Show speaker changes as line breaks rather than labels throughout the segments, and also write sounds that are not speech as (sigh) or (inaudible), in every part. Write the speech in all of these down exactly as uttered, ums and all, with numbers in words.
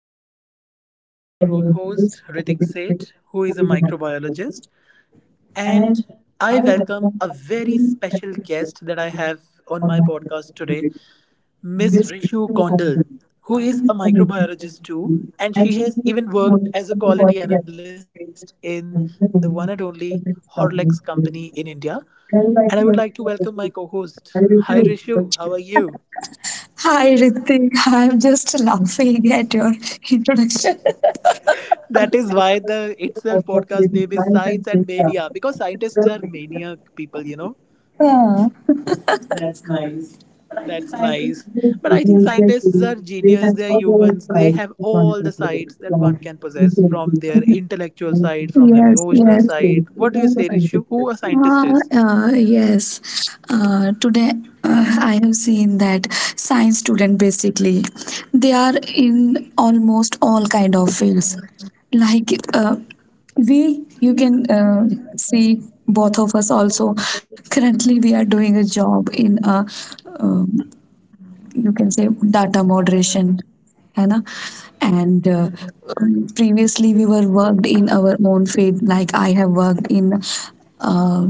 Media. I am your own host, Ritik Seth, who is a microbiologist. And I welcome a very special guest that I have on my podcast today, Miss Rishu Kondal, who is a microbiologist too. And she has even worked as a quality analyst in the one and only Horlicks company in India. And I would like to welcome my co host. Hi, Rishu. How are you?
Hi Ritik, I'm just laughing at your (laughs) introduction.
That is why the itself podcast name is Science and Mania because scientists are maniac people, you know.
Ah,
That's nice. But I think scientists are genius. They are humans. They have all the sides that one can possess from their intellectual side, from their emotional
yes,
side. What do you
yes.
say, Rishu? Who a scientist is?
Uh, uh, yes. Uh, today uh, I have seen that science student basically, they are in almost all kind of fields. Like uh, we, you can uh, see both of us also. Currently, we are doing a job in a um, you can say data moderation है ना, and uh, um, previously we were worked in our own field. Like I have worked in uh,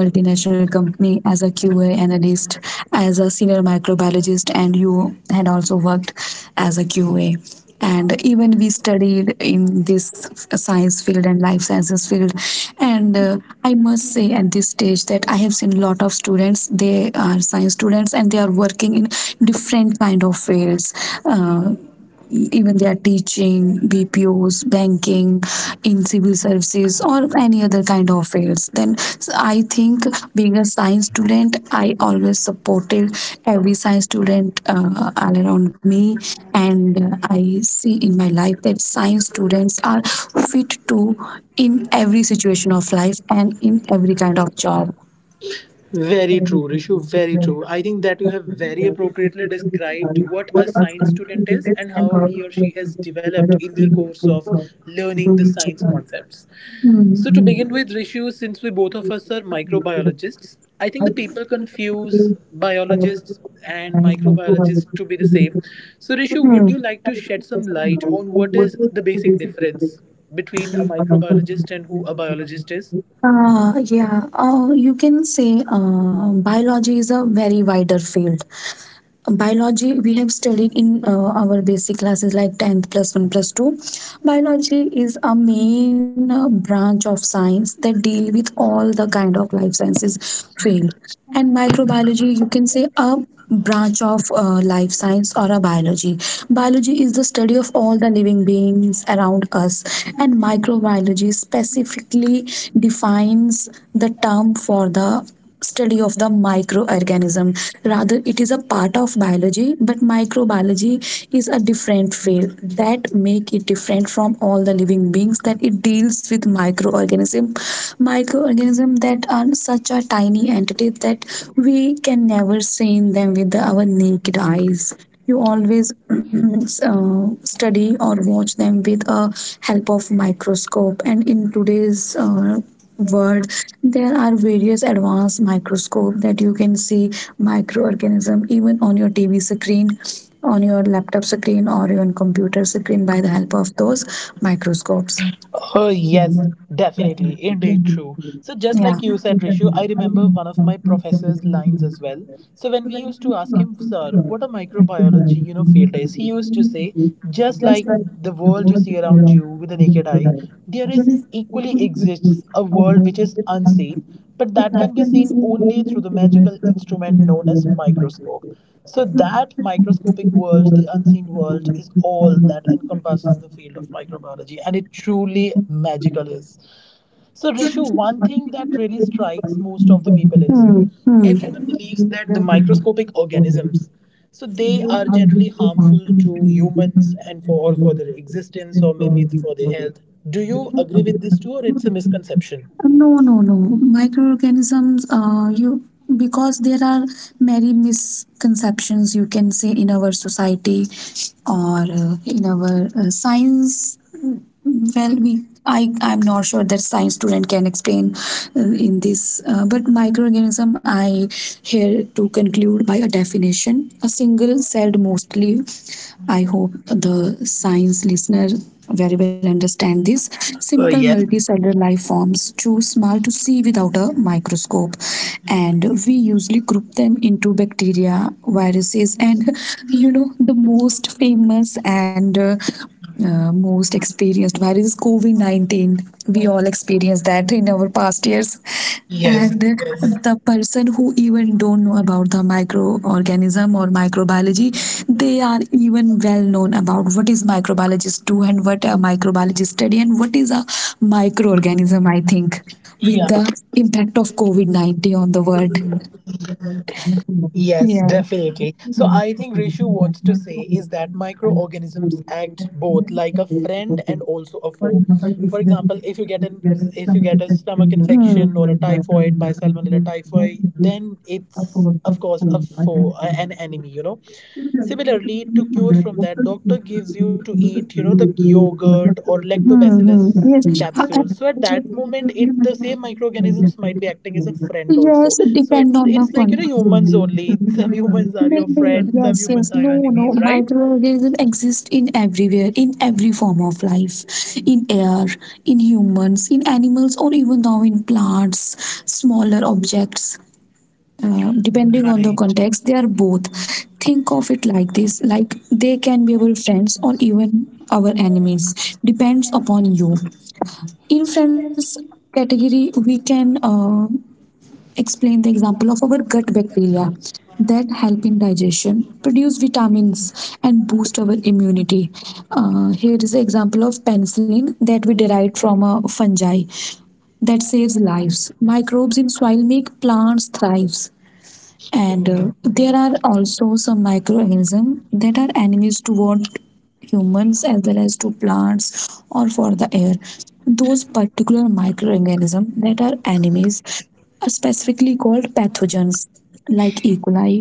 multinational company as a qa analyst, as a senior microbiologist, and you had also worked as a qa. And even we studied in this science field and life sciences field, and uh, I must say at this stage that I have seen lot of students, they are science students, and they are working in different kind of fields. uh, Even they are teaching, B P Os, banking, in civil services, or any other kind of fields. Then s- I think being a science student, I always supported every science student uh, all around me, and uh, I see in my life that science students are fit to in every situation of life and in every kind of job.
Very true, Rishu. Very true. I think that you have very appropriately described what a science student is and how he or she has developed in their course of learning the science concepts.
Hmm.
So, to begin with, Rishu, since we both of us are microbiologists, I think the people confuse biologists and microbiologists to be the same. So, Rishu,
Hmm.
would you like to shed some light on what is the basic difference between a microbiologist and who a biologist is?
Uh, yeah, uh, you can say uh, biology is a very wider field. Biology we have studied in uh, our basic classes like tenth plus one plus two. Biology is a main uh, branch of science that deal with all the kind of life sciences field, and microbiology you can say a branch of uh, life science or a biology. Biology is the study of all the living beings around us, and microbiology specifically defines the term for the study of the microorganism. Rather, it is a part of biology, but microbiology is a different field that make it different from all the living beings, that it deals with microorganism. Microorganism that are such a tiny entity that we can never seen them with our naked eyes. You always mm, uh, study or watch them with a help of microscope. And in today's uh, world, there are various advanced microscope that you can see microorganism even on your tv screen, on your laptop screen, or even computer screen by the help of those microscopes.
Oh, yes, definitely. Indeed, true. So, just like you said, Rishu, I remember one of my professor's lines as well. So, when we used to ask him, sir, what a microbiology, you know, field is, he used to say, just like the world you see around you with the naked eye, there is equally exists a world which is unseen, but that can be seen only through the magical instrument known as microscope. So that microscopic world, the unseen world, is all that encompasses the field of microbiology, and it truly magical is. So Rishu, one thing that really strikes most of the people is,
Hmm, hmm.
everyone believes that the microscopic organisms, so they are generally harmful to humans and for or for their existence or maybe for their health. Do you agree with this too or it's a misconception?
No, no, no. Microorganisms, uh, you, because there are many misconceptions you can say in our society, or uh, in our uh, science. Well, we I I'm not sure that science student can explain uh, in this, uh, but microorganism, I here to conclude by a definition. A single celled mostly. I hope the science listener very well understand this. Simple
Oh, yes.
multicellular life forms, too small to see without a microscope. And we usually group them into bacteria, viruses, and you know, the most famous and uh, uh, most experienced virus is COVID nineteen. We all experienced that in our past years,
Yes,
and
yes.
the person who even don't know about the microorganism or microbiology, they are even well known about what is microbiologist do and what a microbiologist study and what is a microorganism. I think with
Yeah.
the impact of covid nineteen on the world.
Yes, definitely. So
Yeah.
I think Rishu wants
That
to say is that microorganisms act both like a friend and
is
also a foe. For
a
example, if you get an,
to.
if you get a stomach infection or a typhoid by salmonella typhoid, then it's of course a foe, a- an enemy, you know. Similarly, to cure from that, doctor gives you to eat, you know, the yogurt or lactobacillus
Hmm,
capsule, so at
hmm.
that moment it the same microorganisms might be acting as a friend also. So
Yes,
it it's
depend on
like, you
the
know, humans
context.
only. (laughs) Some humans are your
Maybe.
friends, some humans
Yes,
are your
yes. No,
enemies,
no.
right?
Microorganisms exist in everywhere, in every form of life, in air, in humans, in animals, or even now in plants, smaller objects. Uh, depending on
Right.
the context, they are both. Think of it like this: like they can be our friends or even our enemies. Depends upon you. In friends category, we can uh, explain the example of our gut bacteria that help in digestion, produce vitamins, and boost our immunity. Uh, here is an example of penicillin that we derived from a fungi that saves lives. Microbes in soil make plants thrive, and uh, there are also some microorganisms that are enemies toward humans as well as to plants or for the air. Those particular microorganisms that are enemies are specifically called pathogens, like e coli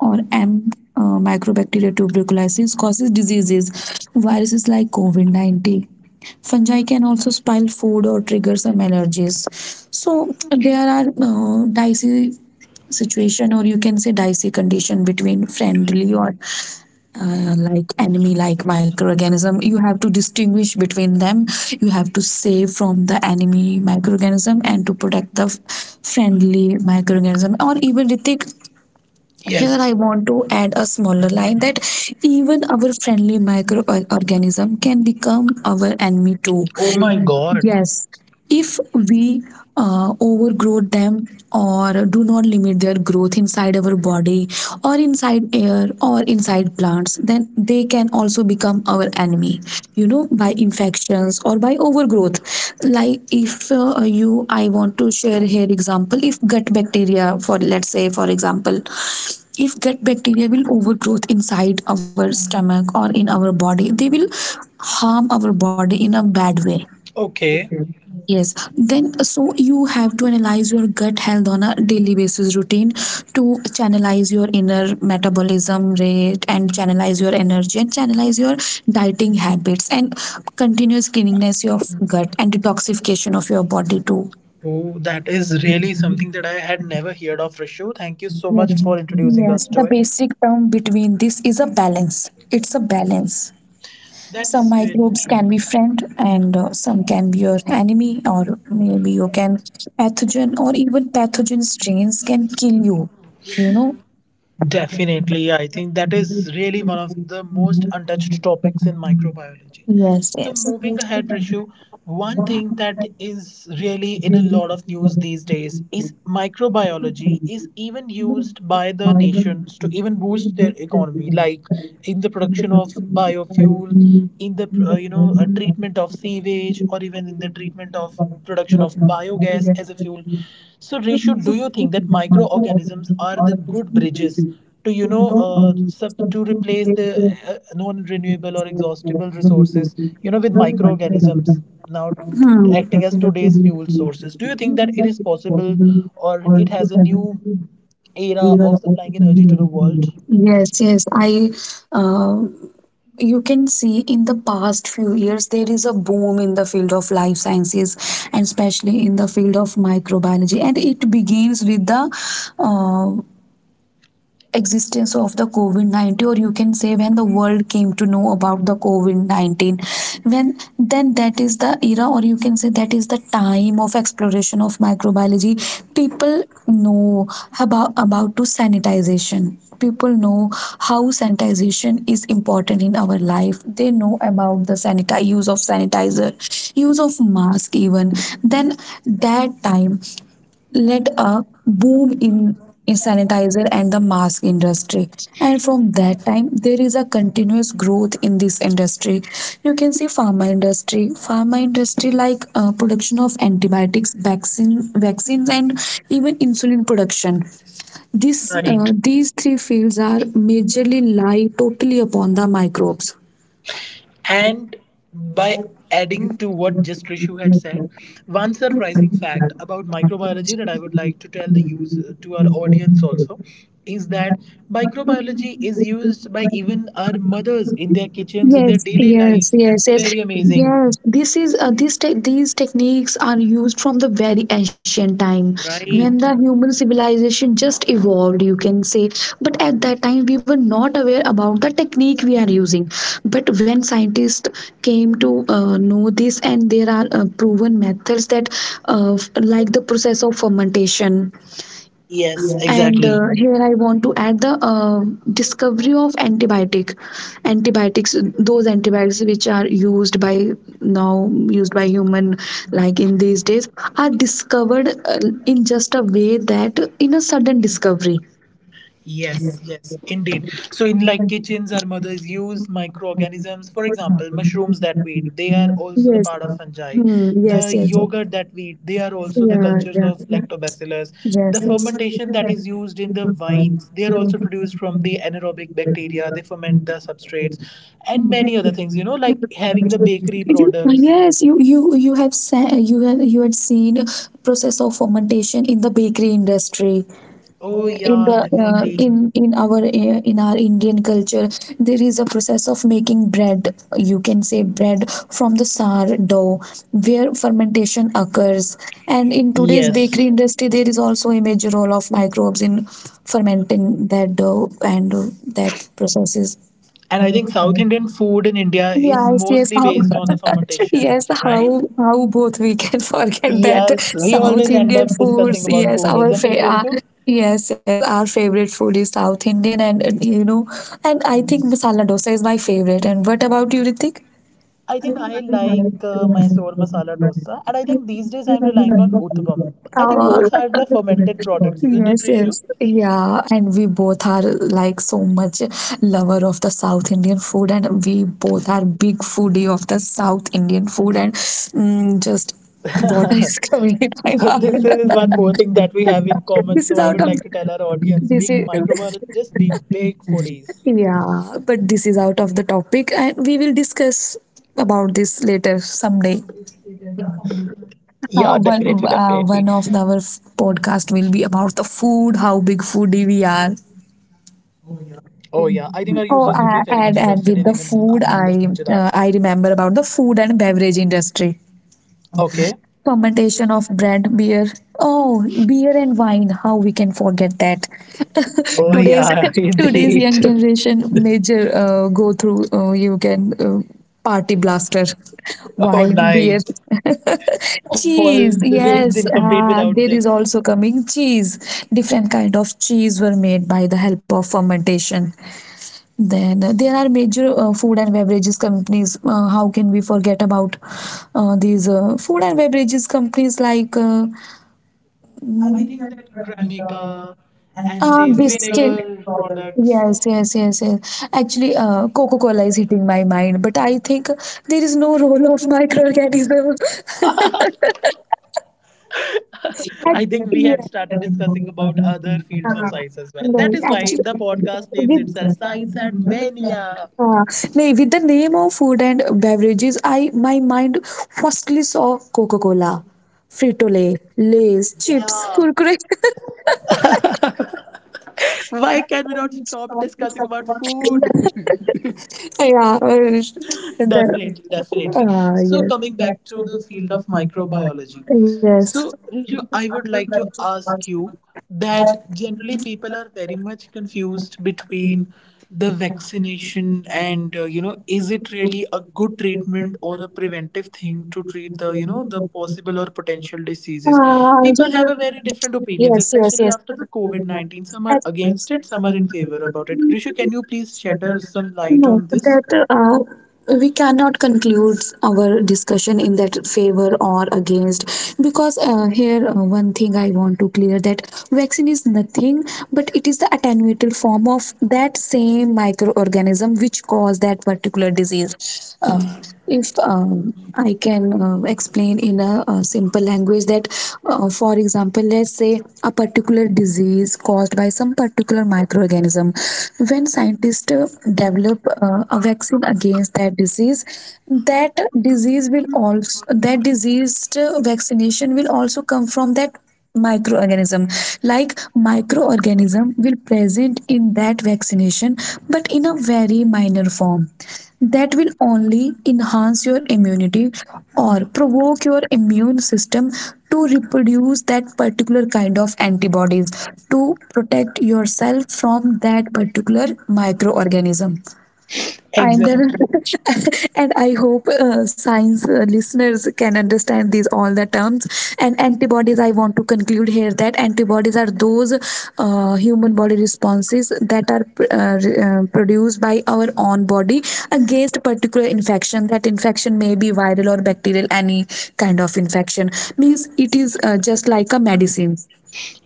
or m uh, microbacteria tuberculosis, causes diseases. Viruses like covid nineteen, fungi can also spoil food or trigger some allergies. So there are uh, dicey situation, or you can say dicey condition, between friendly or uh, like enemy like microorganism. You have to distinguish between them. You have to save from the enemy microorganism and to protect the f- friendly microorganism. Or even Ritik, here I
Yes.
want to add a smaller line that even our friendly microorganism can become our enemy too.
Oh my god.
Yes, if we uh, overgrow them or do not limit their growth inside our body or inside air or inside plants, then they can also become our enemy, you know, by infections or by overgrowth. Like if uh, you, I want to share here example, if gut bacteria, for let's say, for example, if gut bacteria will overgrowth inside our stomach or in our body, they will harm our body in a bad way.
Okay.
Yes, then so you have to analyze your gut health on a daily basis routine to channelize your inner metabolism rate, and channelize your energy, and channelize your dieting habits, and continuous cleanliness of gut and detoxification of your body too.
Oh, that is really something that I had never heard of, Rishu. Thank you so much
Yes,
for introducing
yes.
us to
The
it.
basic term between this is a balance. It's a balance. Some
That's really
microbes
true.
can be friend, and uh, some can be your enemy, or maybe you can pathogen or even pathogen strains can kill you. You know?
Definitely, I think that is really one of the most untouched topics in microbiology.
Yes,
So,
yes.
moving ahead, Rishu, one thing that is really in a lot of news these days is microbiology is even used by the nations to even boost their economy, like in the production of biofuel, in the uh, you know uh, treatment of sewage or even in the treatment of production of biogas as a fuel. So Reshu, do you think that microorganisms are the good bridges to, you know, uh, sub- to replace the uh, non-renewable or exhaustible
Hmm.
resources, you know, with microorganisms now acting as today's fuel sources? Do you think that it is possible or it has a new era of supplying energy to the world?
Yes, yes. I, uh, you can see in the past few years there is a boom in the field of life sciences, and especially in the field of microbiology, and it begins with the uh, existence of the covid nineteen. Or you can say when the world came to know about the covid nineteen, when then that is the era, or you can say that is the time of exploration of microbiology. People know about about to sanitization. People know how sanitization is important in our life. They know about the sanitize, use of sanitizer, use of mask. Even then, that time led a boom in in sanitizer and the mask industry. And from that time there is a continuous growth in this industry. You can see pharma industry, pharma industry like uh, production of antibiotics, vaccine vaccines and even insulin production. this uh,
Right.
these three fields are majorly lie totally upon the microbes.
And by adding to what just Rishu had said, one surprising fact about microbiology that I would like to tell the use uh, to our audience also is that microbiology is used by even our mothers in their kitchens in their
Yes,
daily
yes,
life.
yes,
That's
yes,
very amazing.
yes. This is uh, this te- these techniques are used from the very ancient time when the
Right.
human civilization just evolved, you can say. But at that time, we were not aware about the technique we are using. But when scientists came to uh, know this, and there are uh, proven methods that, uh, f- like the process of fermentation.
Yes,
and
exactly.
uh, here I want to add the uh, discovery of antibiotic antibiotics. Those antibiotics which are used by, now used by human, like in these days, are discovered uh, in just a way that in a sudden discovery. Yes.
Yes, yes, indeed. So in like kitchens, our mothers use microorganisms. For example, mushrooms that we eat, they are also the part of fungi.
Hmm, yes,
The
yes.
yogurt that we eat, they are also the
Yeah,
cultures
yeah,
of lactobacillus.
yeah.
The fermentation that is used in the wines, they are also produced from the anaerobic bacteria.
Yes.
They ferment the substrates and many other things, you know, like having the bakery
You-
products.
Yes, you you you have sa- you have, you had seen process of fermentation in the bakery industry,
Oh
in
yeah,
the uh,
definitely.
in in our uh, in our Indian culture. There is a process of making bread, you can say bread from the sour dough, where fermentation occurs. And in today's
Yes.
bakery industry there is also a major role of microbes in fermenting that dough, and uh, that processes.
And I think South Indian food in India is
Yes, yes,
mostly
how (laughs)
based on the fermentation,
yes,
right?
how how both we can (laughs) forget that.
Yes, we
South
always end
Indian
up discussing
foods.
about
Yes,
food,
our
isn't it,
fa- uh,
Rishu?
yes, yes, our favorite food is South Indian, and, and you know, and I think masala dosa is my favorite. And what about you, Ritik?
I think I like uh, Mysore masala dosa, and I think these days I'm relying on uthapam.
(laughs)
I think both are the
Uh,
fermented products, isn't it,
yes,
Rishu?
yes, yeah, and we both are like so much lover of the South Indian food, and we both are big foodie of the South Indian food, and mm, just water (laughs) is
(laughs)
coming in my
So
mouth.
this is one more thing that we have in
(laughs)
common.
this is
So I
out
would
of
like to tell our audience,
this
being
is
microbiologists and being big foodies.
(laughs) yeah, but this is out of the topic, and we will discuss about this later someday.
Yeah, definitely,
Uh,
definitely.
one uh, One of our podcast will be about the food, how big foodie we are.
Oh yeah, I think our users would be
Oh,
very much
a-
interested
and
in
and
even
with
uh,
the food,
listening to that.
I uh, I remember about the food and beverage industry.
Okay.
Fermentation of brand beer. Oh, beer and wine. How we can forget that? (laughs)
Oh
today's
yeah, (laughs)
Today's
indeed.
young
(laughs)
generation major uh, go through. Uh, you can uh, party blaster,
Oh
wine, (laughs)
nice. Always
cheese.
incomplete
Yes,
without this.
uh, there is also coming cheese. Different kind of cheese were made by the help of fermentation. Then uh, there are major uh, food and beverages companies. Uh, how can we forget about uh, these uh, food and beverages companies like uh,
I think that Cremica and
uh,
these
biscuit?
vinegar products.
Yes, yes, yes, yes. Actually, uh, Coca-Cola is hitting my mind, but I think there is no role of microorganism. (laughs)
(laughs) I think we had
yeah.
started discussing about other fields of science as well. That is
Right.
why the podcast names
With
itself Science and Mania.
Uh, nay, with the name of food and beverages, I my mind firstly saw Coca Cola, Frito Lay, Lays, chips,
Yeah.
Kurkure. (laughs)
Why can we not stop discussing about food?
yeah, uh, and then
Definitely, definitely. So, coming
uh,
back to the field of microbiology,
yes, yes.
so Riju, I would like to ask you that generally people are very much confused between the vaccination and, uh, you know, is it really a good treatment or a preventive thing to treat the, you know, the possible or potential diseases?
Uh,
People have a very different opinions,
yes, yes,
especially
yes.
after the COVID nineteen. Some are against it, some are in favor about it. Rishu, can you please shed us some light
No,
on this?
that uh, we cannot conclude our discussion in that favor or against because uh, here uh, one thing I want to clear that vaccine is nothing but it is the attenuated form of that same microorganism which cause that particular disease. Uh, if um, I can uh, explain in a, uh simple language that, uh, for example, let's say a particular disease caused by some particular microorganism. When scientists uh, develop uh, a vaccine against that disease, that disease will also that disease uh, vaccination will also come from that microorganism, like microorganism will present in that vaccination but in a very minor form that will only enhance your immunity or provoke your immune system to reproduce that particular kind of antibodies to protect yourself from that particular microorganism. And uh,
Exactly.
(laughs) and I hope uh, science uh, listeners can understand these all the terms. And antibodies, I want to conclude here that antibodies are those uh, human body responses that are uh, re- uh, produced by our own body against particular infection. That infection may be viral or bacterial, any kind of infection. Means it is uh, just like a medicine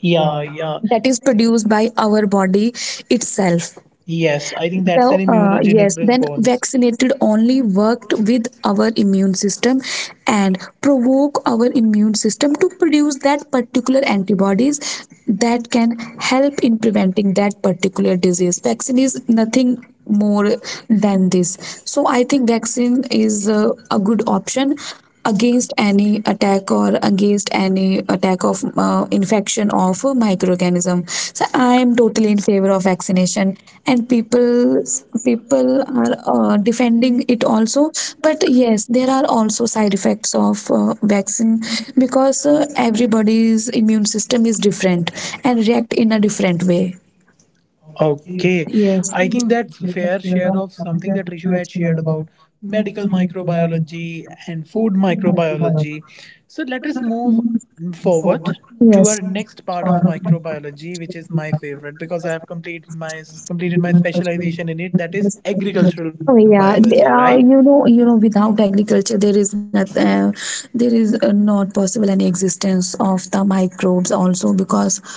Yeah, yeah.
that is produced by our body itself.
Yes, I think that's
So,
an
uh, yes,
immunogenic
then
response.
vaccinated only worked with our immune system and provoke our immune system to produce that particular antibodies that can help in preventing that particular disease. Vaccine is nothing more than this. So, I think vaccine is uh, a good option against any attack, or against any attack of uh, infection of a microorganism. So I am totally in favor of vaccination, and people people are uh, defending it also. But yes, there are also side effects of uh, vaccine, because uh, everybody's immune system is different and react in a different way.
Okay. I
Yes,
think that's fair share of something that Rishu had shared about medical microbiology and food microbiology. So let us move forward to
yes.
our next part of microbiology, which is my favorite because I have complete my completed my specialization in it, that is agricultural
Oh yeah, they
microbiology,
are,
right?
you know, you know, without agriculture, there is not, uh, there is uh, not possible any existence of the microbes also, because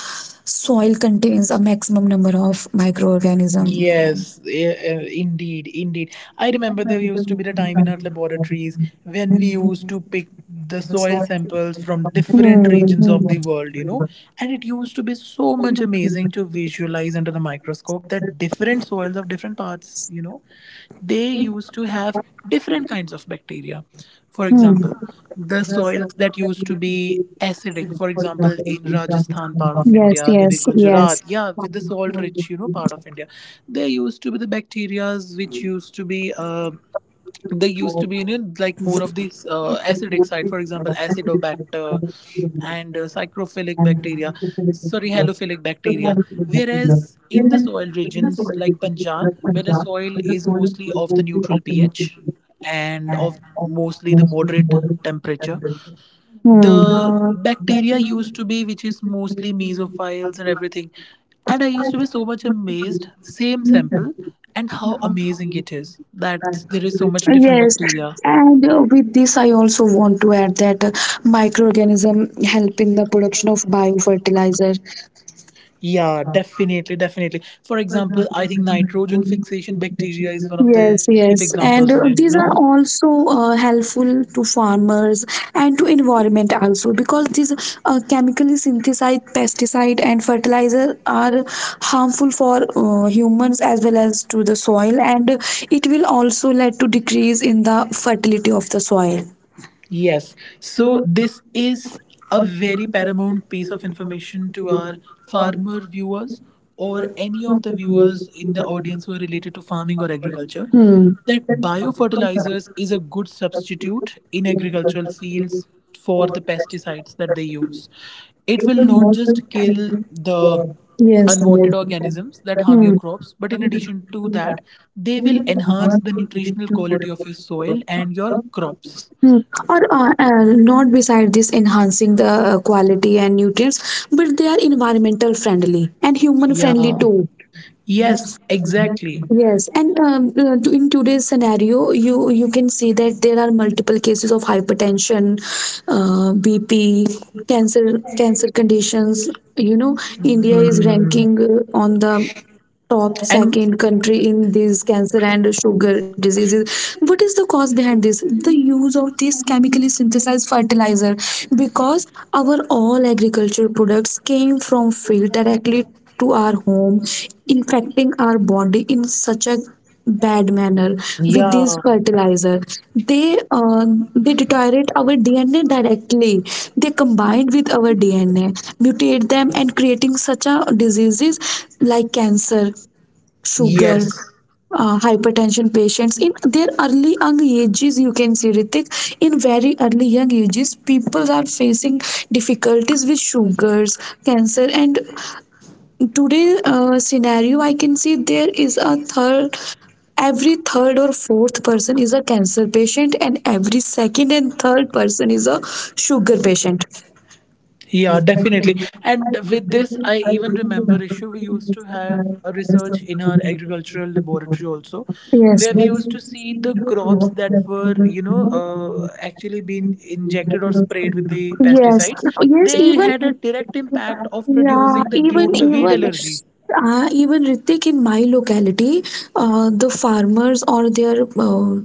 soil contains a maximum number of microorganisms.
Yes, eh, eh, indeed, indeed. I remember there used to be the time in our laboratories when we used to pick the soil samples from different
Hmm.
regions of the
Hmm,
world, you know, and it used to be so much amazing to visualize under the microscope that different soils of different parts, you know, they used to have different kinds of bacteria. For
hmm.
example, the soils that used to be acidic, for example in Rajasthan part of
Yes,
India, maybe
yes,
Gujarat,
yes.
yeah, with the salt rich, you know, part of India, there used to be the bacterias which used to be uh, they used to be, you know, like more of these uh, acidic side, for example acidobacter and uh, psychrophilic bacteria, sorry halophilic bacteria, whereas in the soil regions like Punjab where the soil is mostly of the neutral ph and of mostly the moderate temperature,
Hmm.
the bacteria used to be which is mostly mesophiles and everything. And I used to be so much amazed, same sample, and how amazing it is that there is so much different
Yes,
bacteria.
and uh, with this, I also want to add that uh, microorganism help in the production of biofertilizer.
Yeah, definitely, definitely. For example, I think nitrogen fixation bacteria is one of the
Yes,
chief
yes. And
examples
uh,
in it,
these are
no?
also uh, helpful to farmers and to environment also, because these uh, chemically synthesized pesticide and fertilizer are harmful for uh, humans as well as to the soil, and it will also lead to decrease in the fertility of the soil.
Yes. So this is a very paramount piece of information to our farmer viewers or any of the viewers in the audience who are related to farming or agriculture,
Hmm.
that biofertilizers is a good substitute in agricultural fields for the pesticides that they use. It will not just kill the
Yes.
unwanted organisms that harm your
Hmm.
crops, but in addition to that they will enhance the nutritional quality of your soil and your crops.
Hmm. Or uh, uh, not beside this enhancing the uh, quality and nutrients, but they are environmental friendly and human friendly
Yeah.
too.
Yes, exactly.
Yes, and um, uh, to- in today's scenario, you you can see that there are multiple cases of hypertension, uh, B P, cancer cancer conditions. You know, India is
Mm.
ranking uh, on the top
And
second country in these cancer and sugar diseases. What is the cause behind this? The use of this chemically synthesized fertilizer, because our all agriculture products came from field directly to our home, infecting our body in such a bad manner with these
yeah,
fertilizer. They uh, they deteriorate our dna directly, they combined with our dna, mutate them, and creating such a diseases like cancer, sugar,
yes.
uh, hypertension patients in their early young ages. You can see, Ritik, in very early young ages people are facing difficulties with sugars, cancer, and today uh, scenario, I can see there is a third every third or fourth person is a cancer patient, and every second and third person is a sugar patient.
Yeah, definitely. And with this, I even remember issue we used to have a research in our agricultural laboratory also,
Yes,
where we
yes,
used to see the crops that were, you know, uh, actually been injected or sprayed with the
yes.
pesticides. They
even
had a direct impact of
yeah
producing the
even
gluten wheat
even
allergy.
uh, even Ritik, in my locality, uh, the farmers or their uh,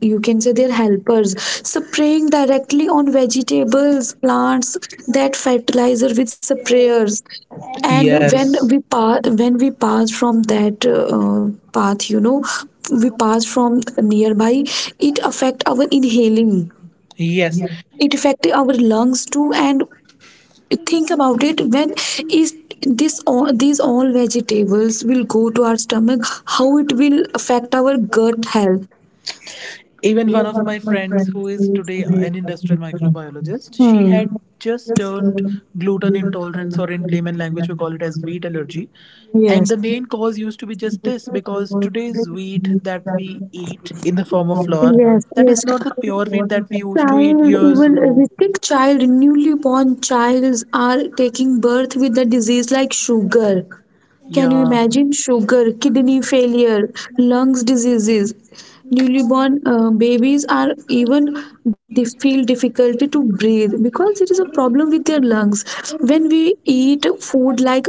you can say they're helpers, spraying directly on vegetables plants that fertilizer with sprayers. And when we
Yes.
pass when we pass from that uh, path, you know, we pass from nearby. It affect our inhaling,
Yes.
it affect our lungs too. And think about it, when is this, all these all vegetables will go to our stomach, how it will affect our gut health?
Even one of my friends, who is today an industrial microbiologist, she
Hmm.
had just turned gluten intolerance, or in layman language, we call it as wheat allergy. And
Yes.
the main cause used to be just this, because today's wheat that we eat in the form of flour,
Yes,
that is
yes.
not the pure wheat that we used to eat
Child,
years
even a
ago.
sick child, newly-born childs are taking birth with a disease like sugar. Can you
Yeah.
imagine? Sugar, kidney failure, lungs diseases? Newly-born uh, babies are even they feel difficulty to breathe, because it is a problem with their lungs. When we eat food like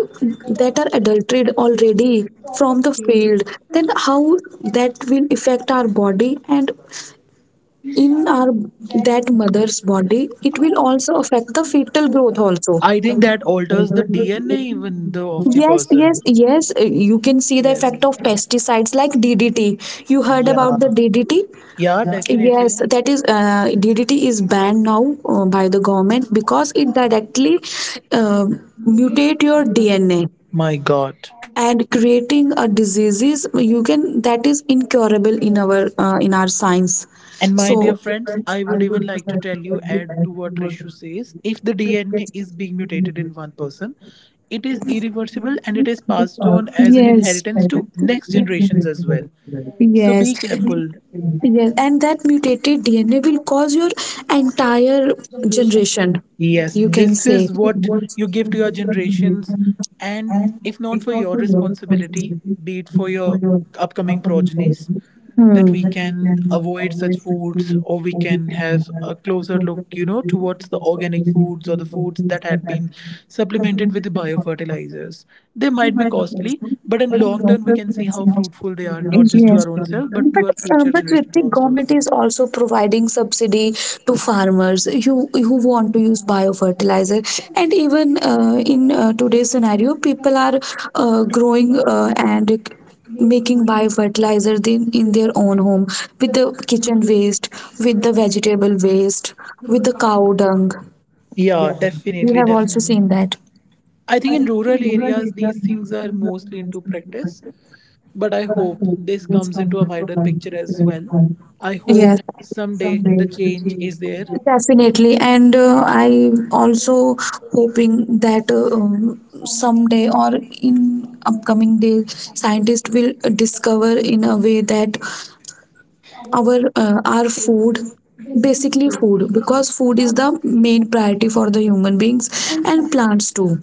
that are adulterated already from the field, then how that will affect our body? And in our that mother's body, it will also affect the fetal growth also.
I think that alters the D N A even though of the
Yes,
person.
yes, yes. Uh, you can see the
Yes.
effect of pesticides like DDT. You heard
Yeah.
about the DDT?
Yeah,
Yes,
definitely.
that is uh, DDT is banned now uh, by the government, because it directly uh, mutate your DNA
My God.
and creating a diseases you can, that is incurable in our uh, in our science.
And my dear
So
friends, I would even like to tell you, add to what Rishu says. If the D N A is being mutated in one person, it is irreversible and it is passed on as an
yes,
inheritance to next generations as well. So
yes,
be careful.
yes. And that mutated D N A will cause your entire generation,
Yes,
you can
this
say.
is what you give to your generations, and if not for your responsibility, be it for your upcoming progenies, that
Hmm.
we can avoid such foods or we can have a closer look, you know, towards the organic foods or the foods that had been supplemented with the biofertilizers. They might be costly, but in long term, we can see how fruitful they are, not just to
Yes.
our own self, but to our
Um,
future
but
generations
Ritik,
also.
government is also providing subsidy to farmers who, who want to use biofertilizer. And even uh, in uh, today's scenario, people are uh, growing uh, and making biofertilizer in, in their own home, with the kitchen waste, with the vegetable waste, with the cow dung.
Yeah,
You
definitely,
have also
definitely.
seen that.
I think in rural areas, these things are mostly into practice, but I hope this comes into a wider picture as well. I hope
Yes.
someday the change is there.
Definitely, and uh, I also hoping that uh, um, someday or in upcoming days, scientists will discover in a way that our uh, our food, basically food, because food is the main priority for the human beings and plants too.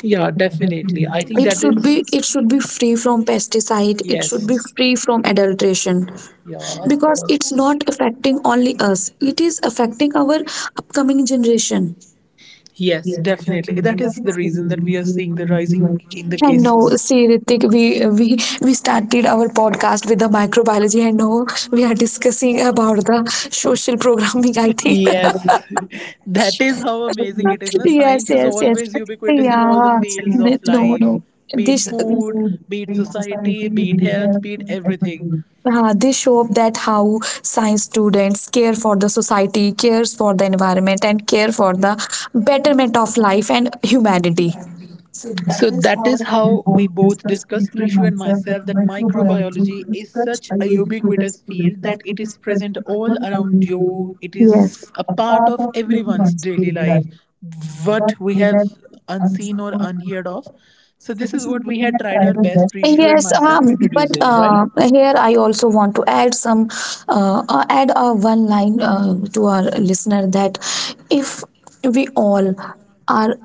Yeah, definitely. I think that
Should
is,
be, it should be free from pesticide. It should be
yes.
free from adulteration,
Yeah, of
because
course.
it's not affecting only us, it is affecting our upcoming generation.
Yes, definitely. That is the reason that we are seeing the rising in the
And now,
cases.
see, Ritik, we we we started our podcast with the microbiology, and now we are discussing about the social programming, I think.
Yes, (laughs) that is how amazing it is.
(laughs)
Na?
Yes,
Science is
yes, yes.
always ubiquitous in all the
Yeah.
fields of
No,
life,
no.
be it
This.
food, be it society, be it health, be it everything.
Uh, they show up that how science students care for the society, cares for the environment, and care for the betterment of life and humanity.
So that is how we both discussed, Rishu and myself, that microbiology is such a ubiquitous field that it is present all around you. It
Yes.
is a part of everyone's daily life, what we have unseen or unheard of. So this is what we had tried our best, Rishu and
Yes,
myself, to
um, but
introduce it, right?
uh, here I also want to add some, uh, uh, add uh, one line uh, to our listener that if we all are,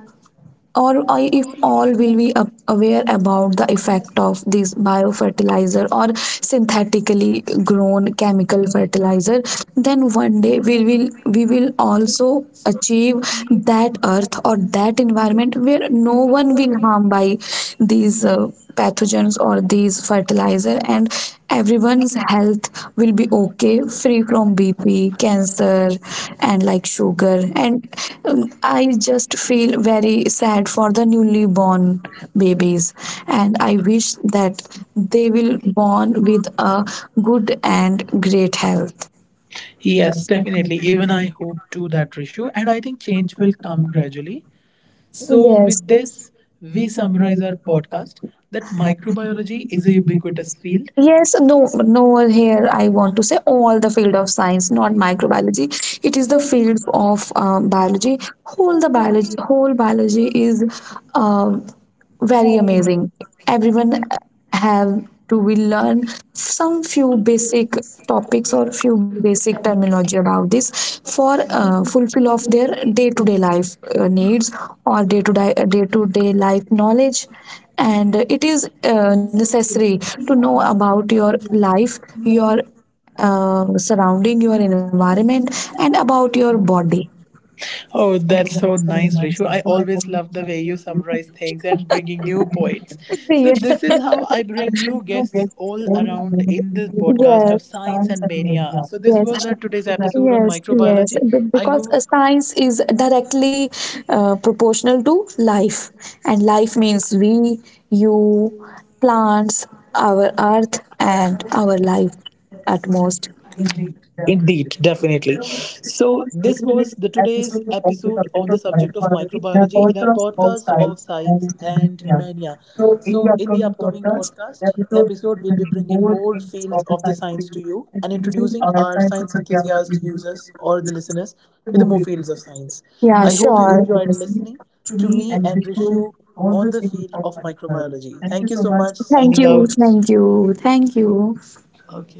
or I- if all will be a- aware about the effect of this biofertilizer or synthetically grown chemical fertilizer, then one day we will we will also achieve that earth or that environment where no one will harm by these uh, pathogens or these fertilizer, and everyone's health will be okay, free from BP, cancer, and like sugar, and um, I just feel very sad for the newly born babies, and I wish that they will born with a good and great health.
Yes, definitely. Even I hope to that, Rishu. And I think change will come gradually.
So
So, with
yes,
this,
yes.
we
We
summarize
summarize
our
the podcast.
podcast that microbiology is a ubiquitous field.
Yes, no, no, here I want to say all the field of science, not microbiology. It is the field of um, biology. Whole the biology, whole biology is Uh, very amazing. Everyone have to, we learn some few basic topics or few basic terminology about this for uh, fulfill of their day to day life uh, needs, or day to day day to day life knowledge. And it is uh, necessary to know about your life, your uh, surrounding, your environment, and about your body.
Oh, that's so nice, Rishu. I always love the way you summarize things and bringing new points. So,
(laughs)
this is how I bring new guests
Yes.
all around in the
Yes.
podcast of Science and Mania. So, this
Yes.
was our today's episode on
Yes, yes.
microbiology.
Be-
I
because uh,
hope.
science is directly uh, proportional to life, and life means we, you, plants, our earth, and our life at most.
Indeed, definitely. So, this was the today's episode on the subject of microbiology in our podcast of Science and Mania. So, in the upcoming podcast episode, we'll be bringing more fields of the science to you and introducing our science enthusiast users or the listeners with the more fields of science. I
Yeah,
hope you
sure.
enjoyed listening to me and Rishu on the field of microbiology. Thank you so much. Signing
Thank you,
out.
thank you, thank you.
Okay.